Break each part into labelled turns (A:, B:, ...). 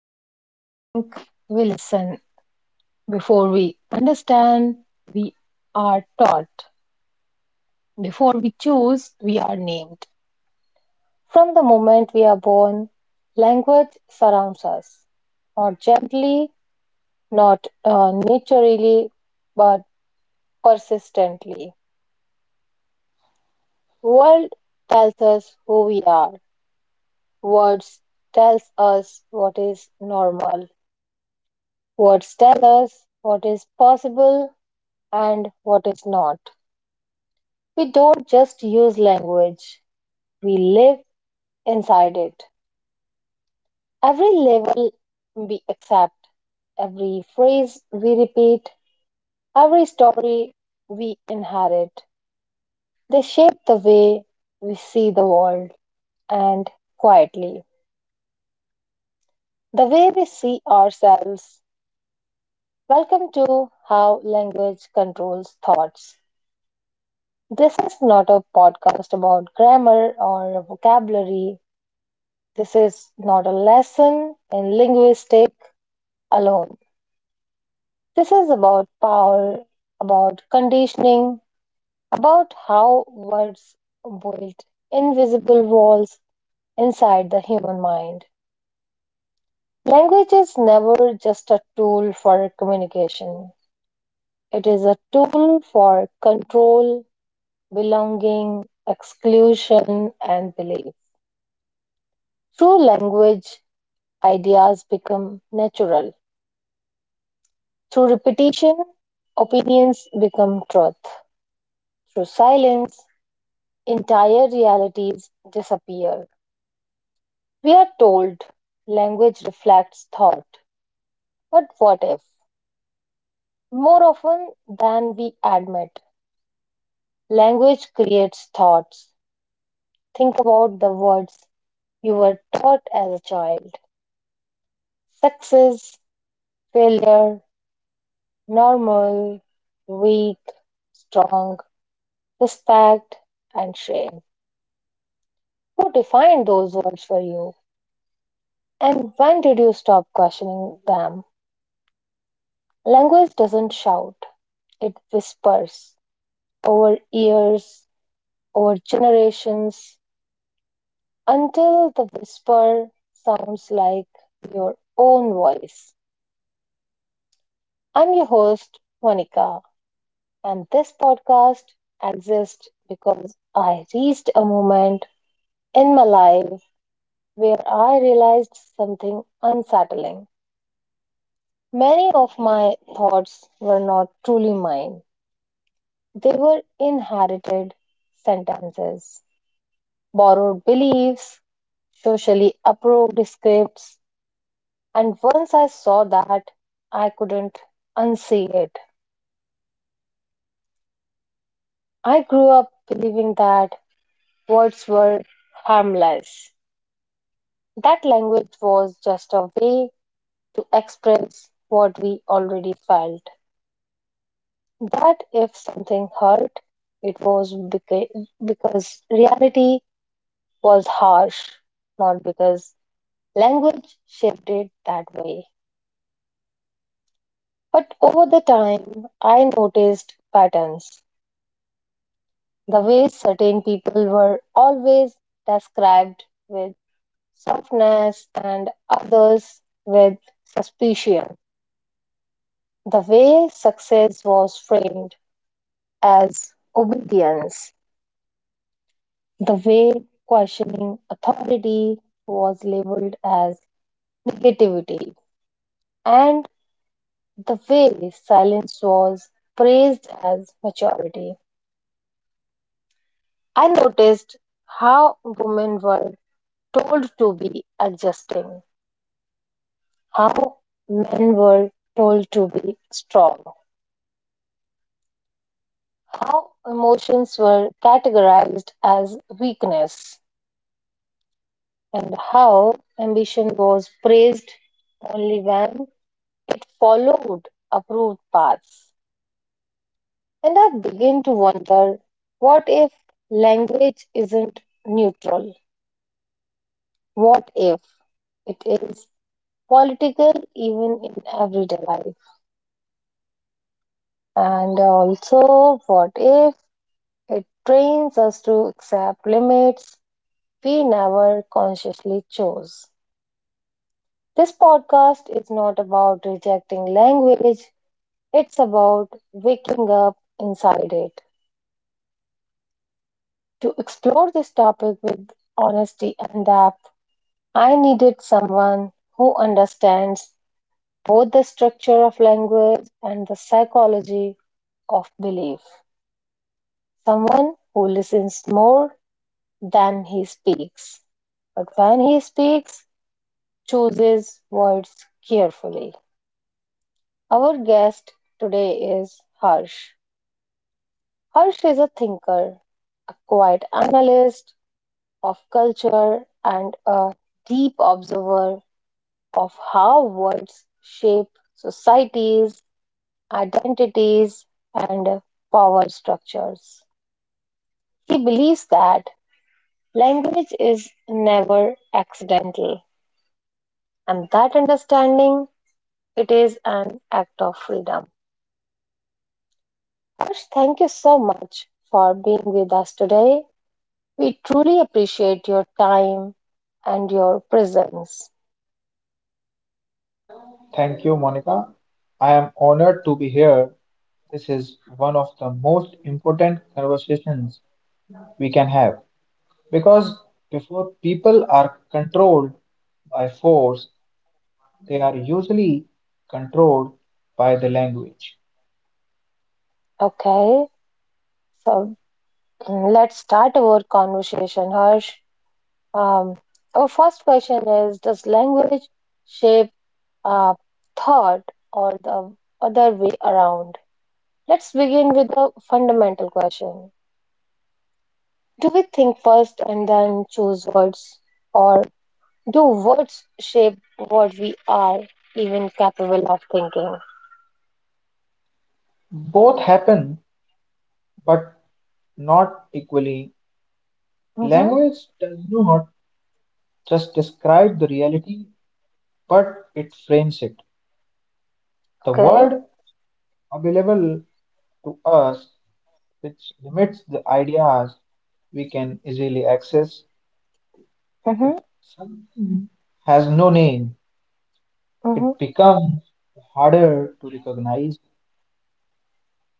A: Before we think, we listen. Before we understand, we are taught. Before we choose, we are named. From the moment we are born, language surrounds us, not gently, not naturally, but persistently. World tells us who we are. Words tells us what is normal. Words tell us what is possible and what is not. We don't just use language, we live inside it. Every level we accept, every phrase we repeat, every story we inherit, they shape the way we see the world and quietly, the way we see ourselves. Welcome to How Language Controls Thoughts. This is not a podcast about grammar or vocabulary. This is not a lesson in linguistics alone. This is about power, about conditioning, about how words build invisible walls inside the human mind. Language is never just a tool for communication. It is a tool for control, belonging, exclusion, and belief. Through language, ideas become natural. Through repetition, opinions become truth. Through silence, entire realities disappear. We are told language reflects thought. But what if? More often than we admit, language creates thoughts. Think about the words you were taught as a child: success, failure, normal, weak, strong, respect, and shame. Who defined those words for you? And when did you stop questioning them? Language doesn't shout, it whispers over years, over generations, until the whisper sounds like your own voice. I'm your host, Monica, and this podcast exists because I reached a moment in my life where I realized something unsettling. Many of my thoughts were not truly mine. They were inherited sentences, borrowed beliefs, socially approved scripts, and once I saw that, I couldn't unsee it. I grew up believing that words were harmless, that language was just a way to express what we already felt, that if something hurt, it was because reality was harsh, not because language shifted that way. But over the time, I noticed patterns. The way certain people were always described with softness and others with suspicion. The way success was framed as obedience. The way questioning authority was labeled as negativity. And the way silence was praised as maturity. I noticed how women were told to be adjusting, how men were told to be strong, how emotions were categorized as weakness, and how ambition was praised only when it followed approved paths. And I begin to wonder, what if language isn't neutral? What if it is political even in everyday life? And also, what if it trains us to accept limits we never consciously chose? This podcast is not about rejecting language, it's about waking up inside it. To explore this topic with honesty and depth, I needed someone who understands both the structure of language and the psychology of belief. Someone who listens more than he speaks. But when he speaks, chooses words carefully. Our guest today is Harsh. Harsh is a thinker, a quiet analyst of culture, and a deep observer of how words shape societies, identities, and power structures. He believes that language is never accidental, and that understanding it is an act of freedom. Harsh, thank you so much for being with us today. We truly appreciate your time and your presence.
B: Thank you, Monica. I am honored to be here. This is one of the most important conversations we can have because before people are controlled by force, they are usually controlled by the language.
A: Okay, so let's start our conversation, Harsh. Um, our first question is, does language shape uh, thought or the other way around? Let's begin with a fundamental question. Do we think first and then choose words? Or do words shape what we are even capable of thinking?
B: Both happen, but not equally.
A: Mm-hmm.
B: Language does not just describe the reality, but it frames it. The
A: Okay.
B: word available to us which limits the ideas we can easily access. If
A: Mm-hmm.
B: something has no name, it
A: Mm-hmm.
B: becomes harder to recognize.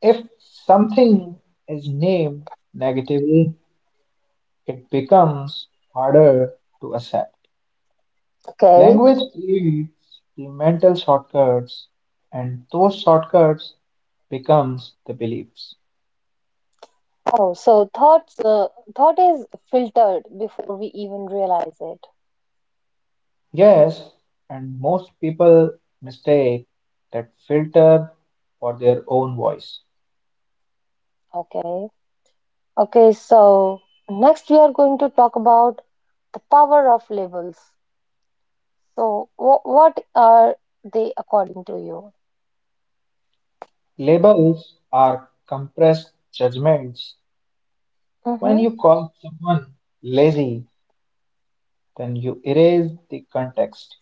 B: If something is named negatively, it becomes harder to accept.
A: Okay.
B: Language creates the mental shortcuts, and those shortcuts becomes the beliefs.
A: Oh, so thoughts, thought is filtered before we even realize it.
B: Yes, and most people mistake that filter for their own voice.
A: Okay. Okay. So next we are going to talk about the power of labels. So what are they according to you?
B: Labels are compressed judgments. When
A: Mm-hmm.
B: you call someone lazy, then you erase the context.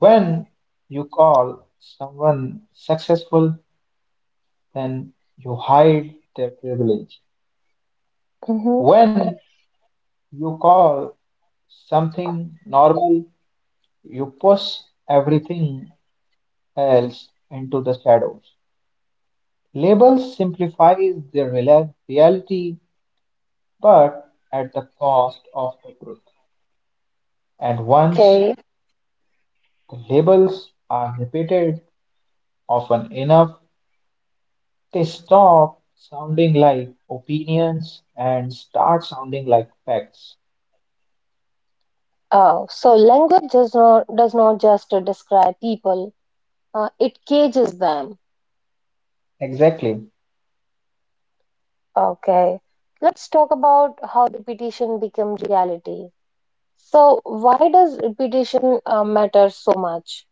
B: When you call someone successful, then you hide their privilege.
A: Mm-hmm.
B: When you call something normal, you push everything else into the shadows. Labels simplify the reality, but at the cost of the truth. And once
A: Okay.
B: the labels are repeated often enough, they stop sounding like opinions and start sounding like facts.
A: So language does not just describe people. It cages them.
B: Exactly,
A: Okay, let's talk about how repetition becomes reality. So, why does repetition matter so much?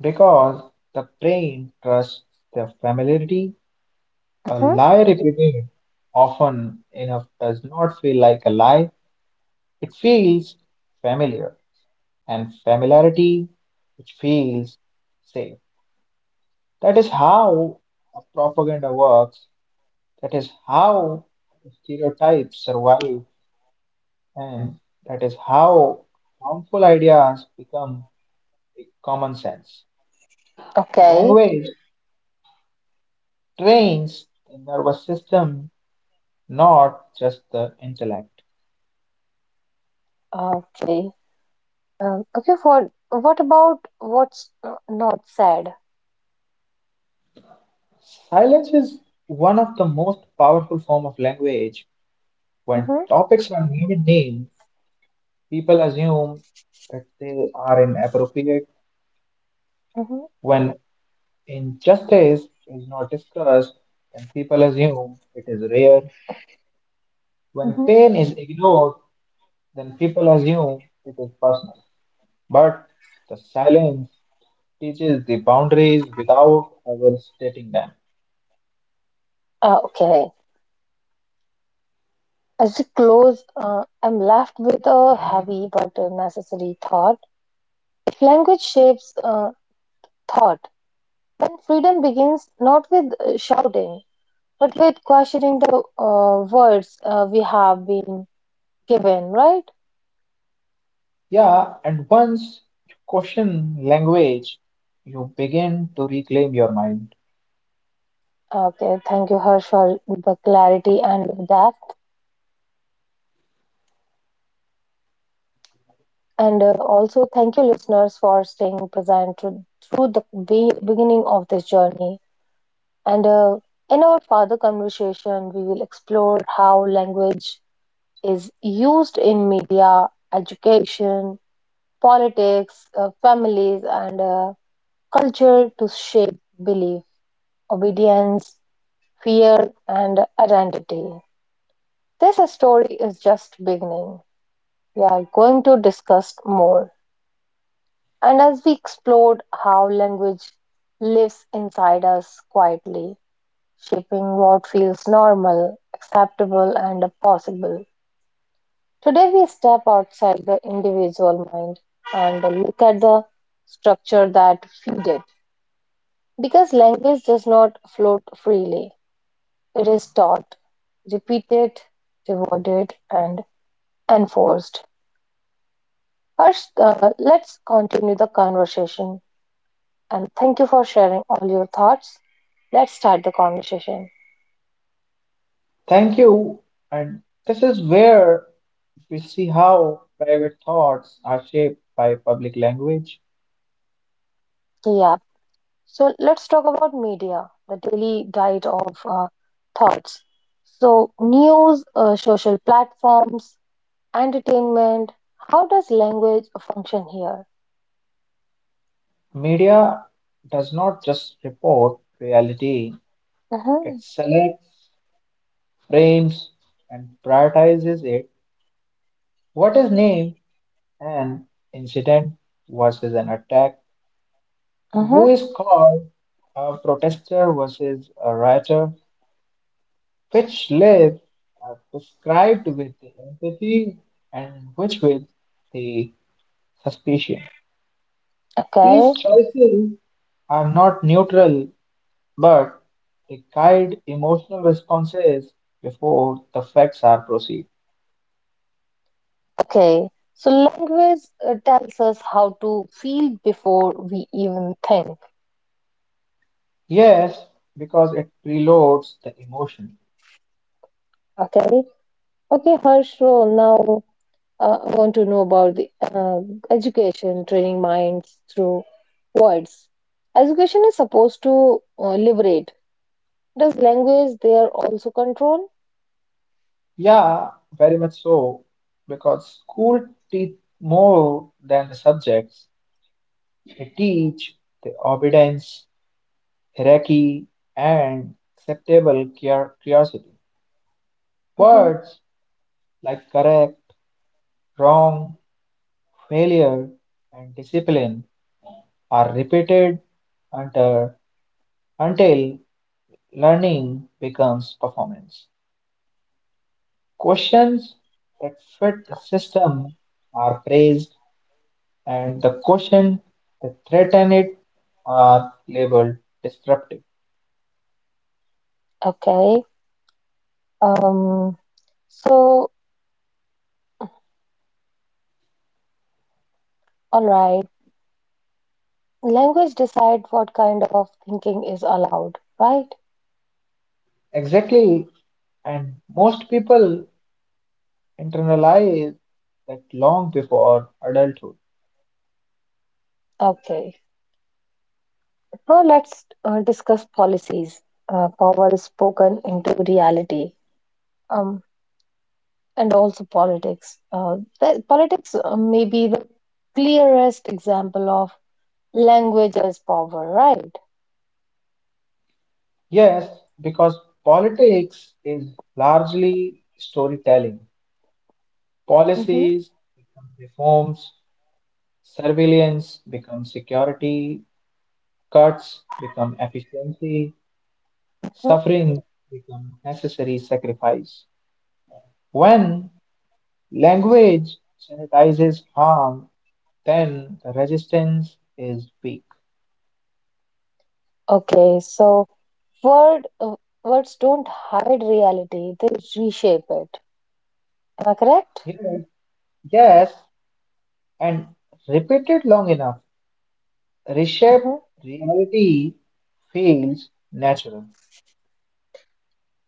B: because the brain trusts the familiarity. A
A: Hmm.
B: lie repeated often enough does not feel like a lie, it feels familiar. And familiarity, which feels safe. That is how a propaganda works. That is how stereotypes survive, and that is how harmful ideas become common sense.
A: Okay,
B: Language trains the nervous system, not just the intellect.
A: okay. Okay. For what about what's not said?
B: Silence is one of the most powerful form of language. When
A: Hmm.
B: topics are never named, people assume that they are inappropriate.
A: Hmm.
B: When injustice is not discussed, then people assume it is rare. When
A: Hmm.
B: pain is ignored, then people assume it is personal. But the silence teaches the boundaries without ever stating them.
A: Okay. As we close, I'm left with a heavy but a necessary thought. If language shapes thought, then freedom begins not with shouting but with questioning the words we have been given, right?
B: Yeah, and once you question language, you begin to reclaim your mind.
A: Okay, thank you, Harsh, for the clarity and the depth. And also, thank you, listeners, for staying present through the beginning of this journey. And in our further conversation, we will explore how language is used in media, education, politics, families, and culture to shape belief, obedience, fear, and identity. This story is just beginning. We are going to discuss more. And as we explored how language lives inside us quietly, shaping what feels normal, acceptable, and possible. Today we step outside the individual mind and look at the structure that feeds it. Because language does not float freely, it is taught, repeated, rewarded, and enforced. Harsh, let's continue the conversation. And thank you for sharing all your thoughts. Let's start the conversation.
B: Thank you. And this is where we see how private thoughts are shaped by public language.
A: Yeah. So let's talk about media, the daily diet of thoughts. So, news, social platforms, entertainment. How does language function here?
B: Media does not just report reality, it
A: Mm-hmm.
B: selects, frames, and prioritizes it. What is named an incident versus an attack? Who
A: Mm-hmm.
B: is called a protester versus a rioter? Which lives are prescribed with the empathy and which with the suspicion. These
A: Okay.
B: choices are not neutral, but they guide emotional responses before the facts are perceived.
A: Okay. So, language tells us how to feel before we even think.
B: Yes, because it preloads the emotion.
A: Okay. Okay, Harsh, so now I want to know about the education, training minds through words. Education is supposed to liberate. Does language there also control?
B: Yeah, very much so. Because school teach more than the subjects. They teach the obedience, hierarchy, and acceptable curiosity.
A: Hmm.
B: Words like correct, wrong, failure and discipline are repeated until, until learning becomes performance. Questions that fit the system are praised, and the questions that threaten it are labeled disruptive.
A: Okay. Um, so, all right. Language decide what kind of thinking is allowed, right?
B: Exactly, and most people internalize that long before adulthood.
A: Okay. Now let's discuss policies. Power is spoken into reality. Um, and also politics. Politics may be the clearest example of language as power, right?
B: Yes, because politics is largely storytelling.
A: Hmm.
B: Policies become reforms, surveillance become security, cuts become efficiency, suffering become necessary sacrifice. When language sanitizes harm, then the resistance is weak.
A: Okay, so word uh, words don't hide reality; they reshape it. Am I correct?
B: Yes, yes, and repeated long enough, reshaped
A: Hmm.
B: reality feels natural.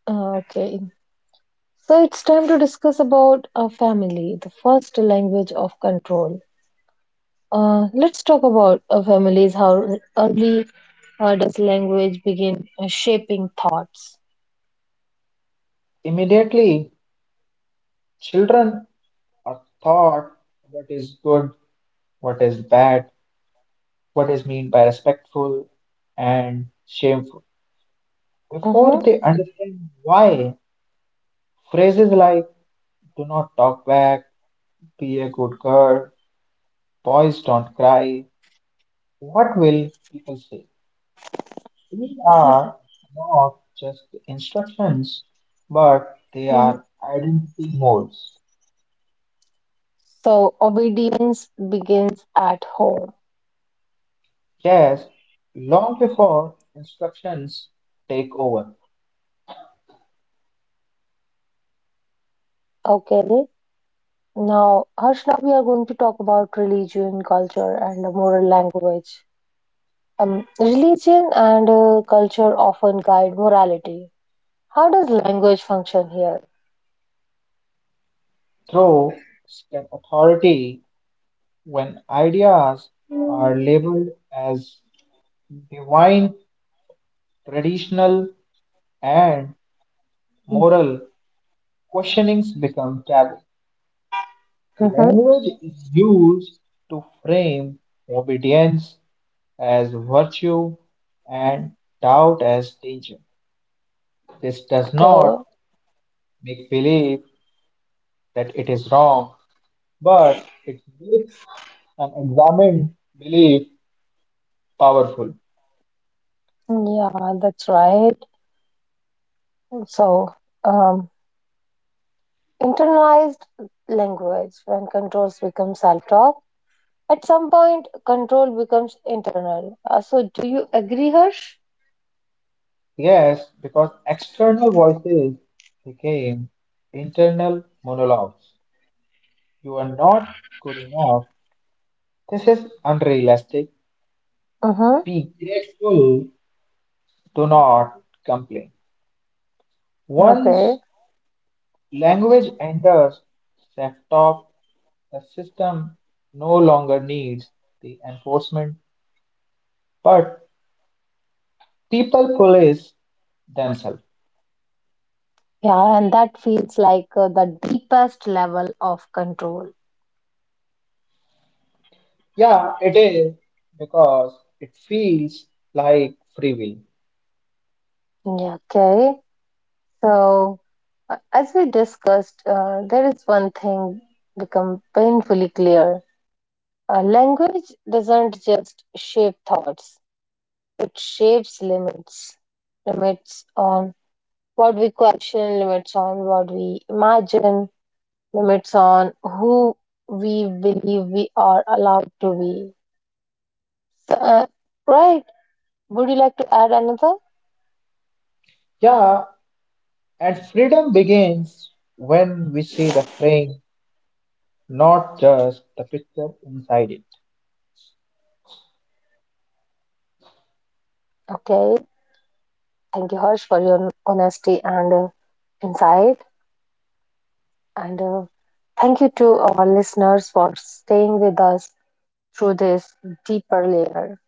A: Okay, so it's time to discuss about a family, the first language of control. Let's talk about families. How early does language begin shaping thoughts?
B: Immediately, children are taught what is good, what is bad, what is meant by respectful and shameful. Before
A: Uh-huh.
B: they understand why, phrases like do not talk back, be a good girl, boys don't cry, what will people say? These are not just instructions, but they are identity molds.
A: So obedience begins at home.
B: Yes, long before instructions take over,
A: Okay. Now, Harshna, we are going to talk about religion, culture, and the moral language. Religion and culture often guide morality. How does language function here?
B: through step authority when ideas are labeled as divine, traditional, and moral, questionings become taboo.
A: Mm-hmm.
B: Language is used to frame obedience as virtue and doubt as danger. This does
A: Okay.
B: not make belief that it is wrong, but it makes an examined belief powerful.
A: Yeah, that's right. So, um, internalized language when controls become self-talk. At some point, control becomes internal. So, do you agree, Harsh?
B: Yes, because external voices became internal monologues. You are not good enough. This is unrealistic.
A: Mm-hmm.
B: Be grateful. Do not complain. Once
A: Okay.
B: language enters self-talk, the system no longer needs the enforcement, but people police themselves.
A: Yeah, and that feels like the deepest level of control.
B: Yeah, it is because it feels like free will.
A: Yeah, okay. So, as we discussed, there is one thing become painfully clear. Language doesn't just shape thoughts, it shapes limits. Limits on what we question, limits on what we imagine, limits on who we believe we are allowed to be. So, right. Would you like to add another?
B: Yeah, and freedom begins when we see the frame, not just the picture inside it.
A: Okay. Thank you, Harsh, for your honesty and insight. And thank you to our listeners for staying with us through this deeper layer.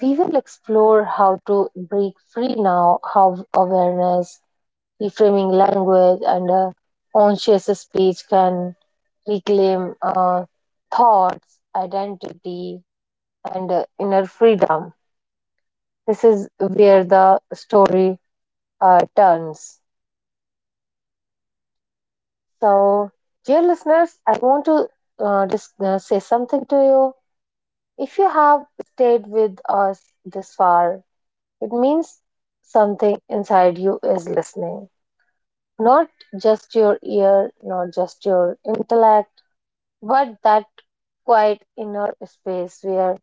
A: We will explore how to break free now, how awareness, reframing language, and conscious speech can reclaim thoughts, identity, and inner freedom. This is where the story turns. So, dear listeners, I want to just say something to you. If you have stayed with us this far, it means something inside you is listening. Not just your ear, not just your intellect, but that quiet inner space where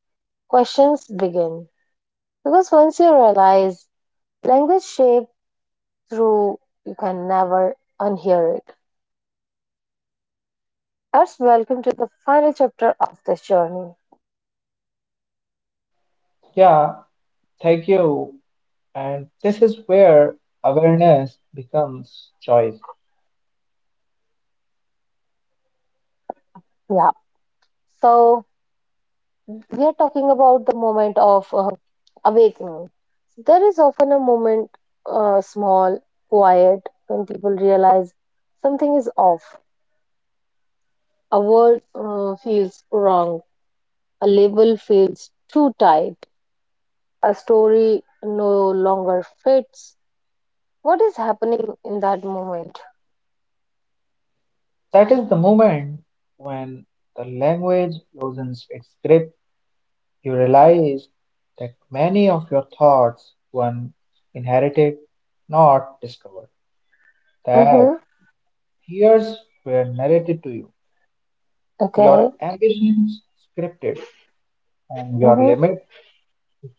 A: questions begin. Because once you realize language shaped through, you can never unhear it. Let's welcome to the final chapter of this journey.
B: Yeah, thank you. And this is where awareness becomes choice.
A: Yeah. So, we are talking about the moment of awakening. There is often a moment, small, quiet, when people realize something is off. A word feels wrong, a label feels too tight, a story no longer fits. What is happening in that moment?
B: That is the moment when the language loosens its grip. You realize that many of your thoughts were inherited, not discovered. That
A: Mm-hmm.
B: fears were narrated to you,
A: Okay.
B: your ambitions scripted, and your
A: Mm-hmm.
B: limits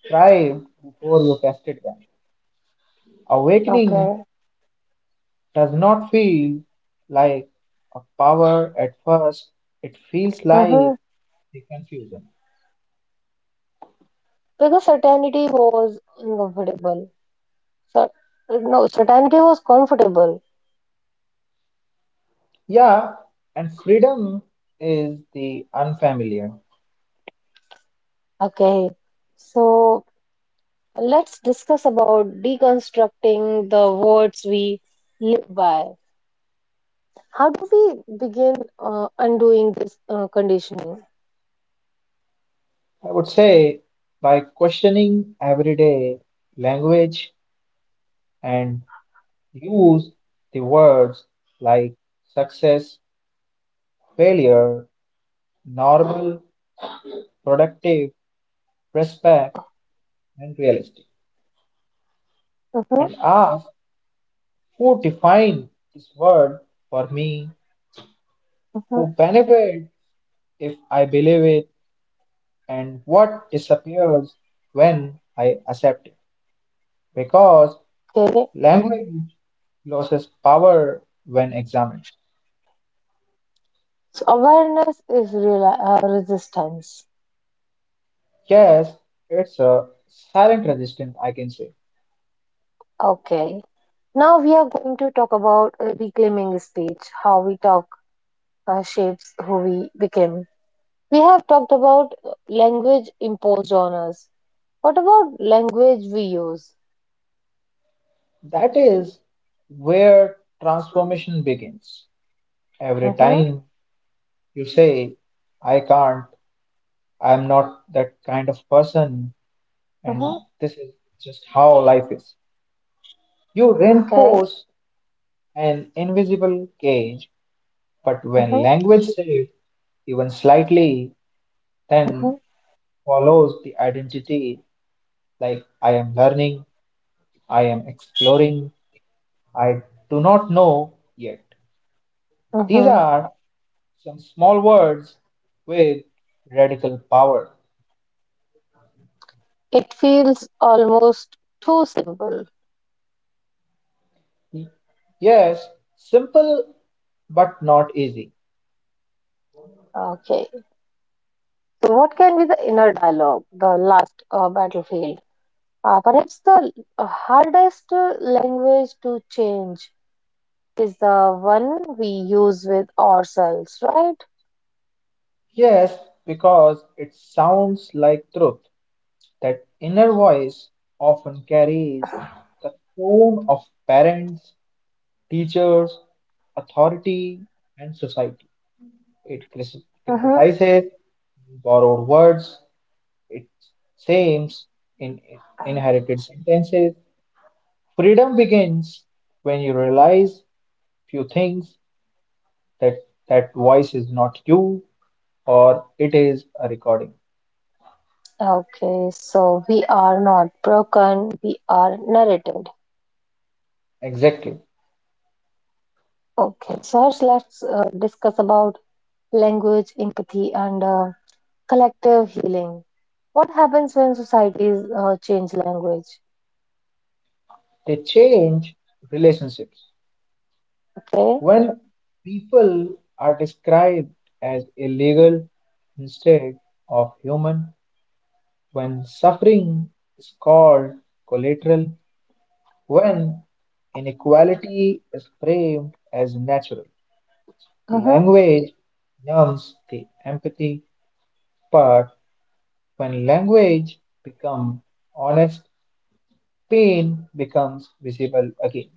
B: try before you tested them. Awakening
A: Okay.
B: does not feel like a power at first, it feels
A: Mm-hmm.
B: like the confusion.
A: Because certainty was uncomfortable. So, no, certainty was comfortable.
B: Yeah, and freedom is the unfamiliar.
A: Okay, so let's discuss about deconstructing the words we live by. How do we begin undoing this conditioning?
B: I would say by questioning everyday language and use the words like success, failure, normal, productive, respect, and realistic,
A: Mhm.
B: and ask who define this word for me,
A: Mhm.
B: who benefit if I believe it, and what disappears when I accept it. Because
A: Okay,
B: language loses power when examined.
A: so awareness is real resistance.
B: Yes, it's a silent resistance, I can say.
A: Okay, now we are going to talk about reclaiming speech, how we talk shapes who we became. We have talked about language imposed on us. What about language we use?
B: That is where transformation begins. Every
A: Mm-hmm.
B: time you say, I can't, I'm not that kind of person, and
A: Mm-hmm.
B: this is just how life is. You
A: Okay.
B: reinforce an invisible cage, but when
A: Hmm.
B: language shifts even slightly,
A: Hmm.
B: then follows the identity like I am learning, I am exploring, I do not know yet. These
A: Hmm.
B: are some small words with radical power.
A: It feels almost too simple.
B: Yes, simple but not easy.
A: Okay. So, what can be the inner dialogue, the last battlefield? Perhaps the hardest language to change is the one we use with ourselves, right?
B: Yes, because it sounds like truth. That inner voice often carries the tone of parents, teachers, authority, and society. It
A: Hmm.
B: criticizes borrowed words, it shames in inherited sentences. Freedom begins when you realize few things that that voice is not you or it is a recording.
A: Okay. So, we are not broken, we are narrated.
B: Exactly.
A: Okay. So, Harsh, let's discuss about language, empathy, and collective healing. What happens when societies change language?
B: They change relationships.
A: Okay.
B: When people are described as illegal instead of human, when suffering is called collateral, when inequality is framed as natural,
A: Mm-hmm.
B: language numbs the empathy part. When language becomes honest, pain becomes visible again.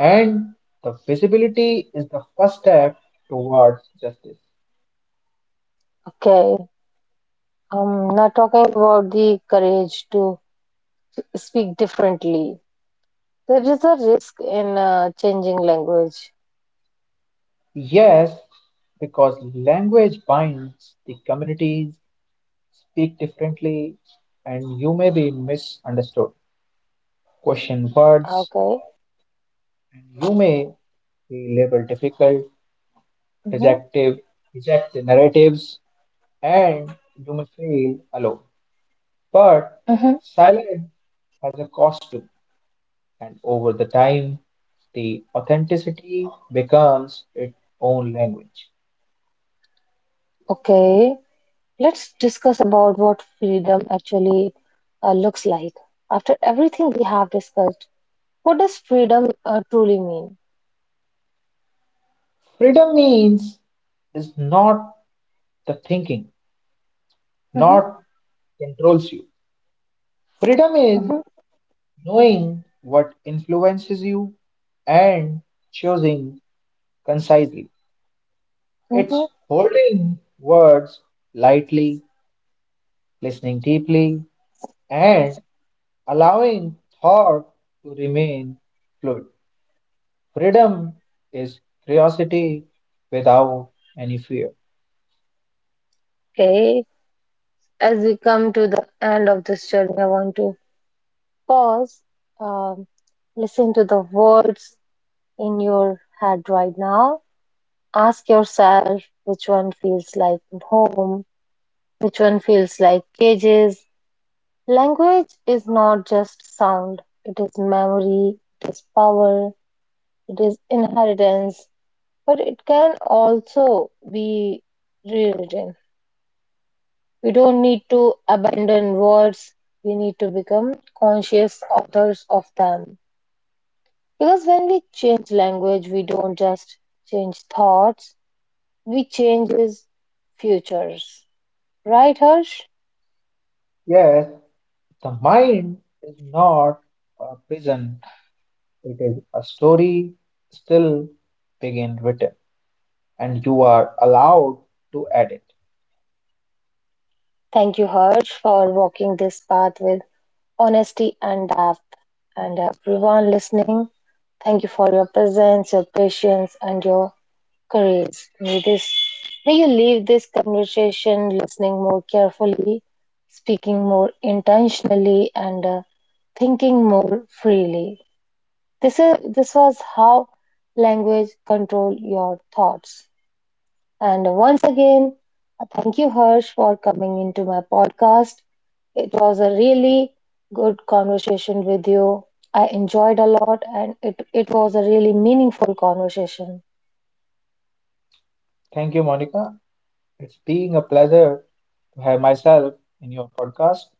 B: And the visibility is the first step towards justice.
A: Okay. I'm not talking about the courage to speak differently. There is a risk in changing language.
B: Yes, because language binds, the communities speak differently, and you may be misunderstood, question words,
A: Okay.
B: and you may be labeled difficult,
A: Mm-hmm.
B: rejective, reject the narratives, and you may feel alone. But
A: Mm-hmm.
B: silence has a cost too, and over the time, the authenticity becomes its own language.
A: Okay. Let's discuss about what freedom actually looks like. After everything we have discussed, what does freedom truly mean?
B: Freedom means is not the thinking,
A: Mm-hmm.
B: not controls you. Freedom is
A: Mm-hmm.
B: knowing what influences you and choosing concisely.
A: Mm-hmm.
B: It's holding words lightly, listening deeply, and allowing thought to remain fluid. Freedom is curiosity without any fear.
A: Okay. As we come to the end of this journey, I want to pause, um, listen to the words in your head right now. Ask yourself which one feels like home, which one feels like cages. Language is not just sound, it is memory, it is power, it is inheritance, but it can also be rewritten. We don't need to abandon words, we need to become conscious authors of them. Because when we change language, we don't just change thoughts, we changes futures. Right, Harsh?
B: Yes, the mind is not a prison. It is a story still being written, and you are allowed to edit.
A: Thank you, Harsh, for walking this path with honesty and depth. And everyone listening, thank you for your presence, your patience, and your courage. May you leave this conversation listening more carefully, speaking more intentionally, and thinking more freely. This was how language control your thoughts. And once again, thank you Harsh for coming into my podcast. It was a really good conversation with you. I enjoyed a lot and it was a really meaningful conversation.
B: Thank you, Monica. It's being a pleasure to have myself in your podcast.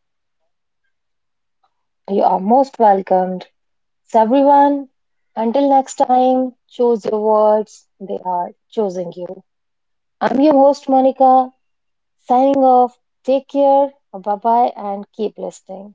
A: You are most welcomed. So everyone, until next time, choose your words. They are choosing you. I'm your host, Monica, signing off, take care, bye bye, and keep listening.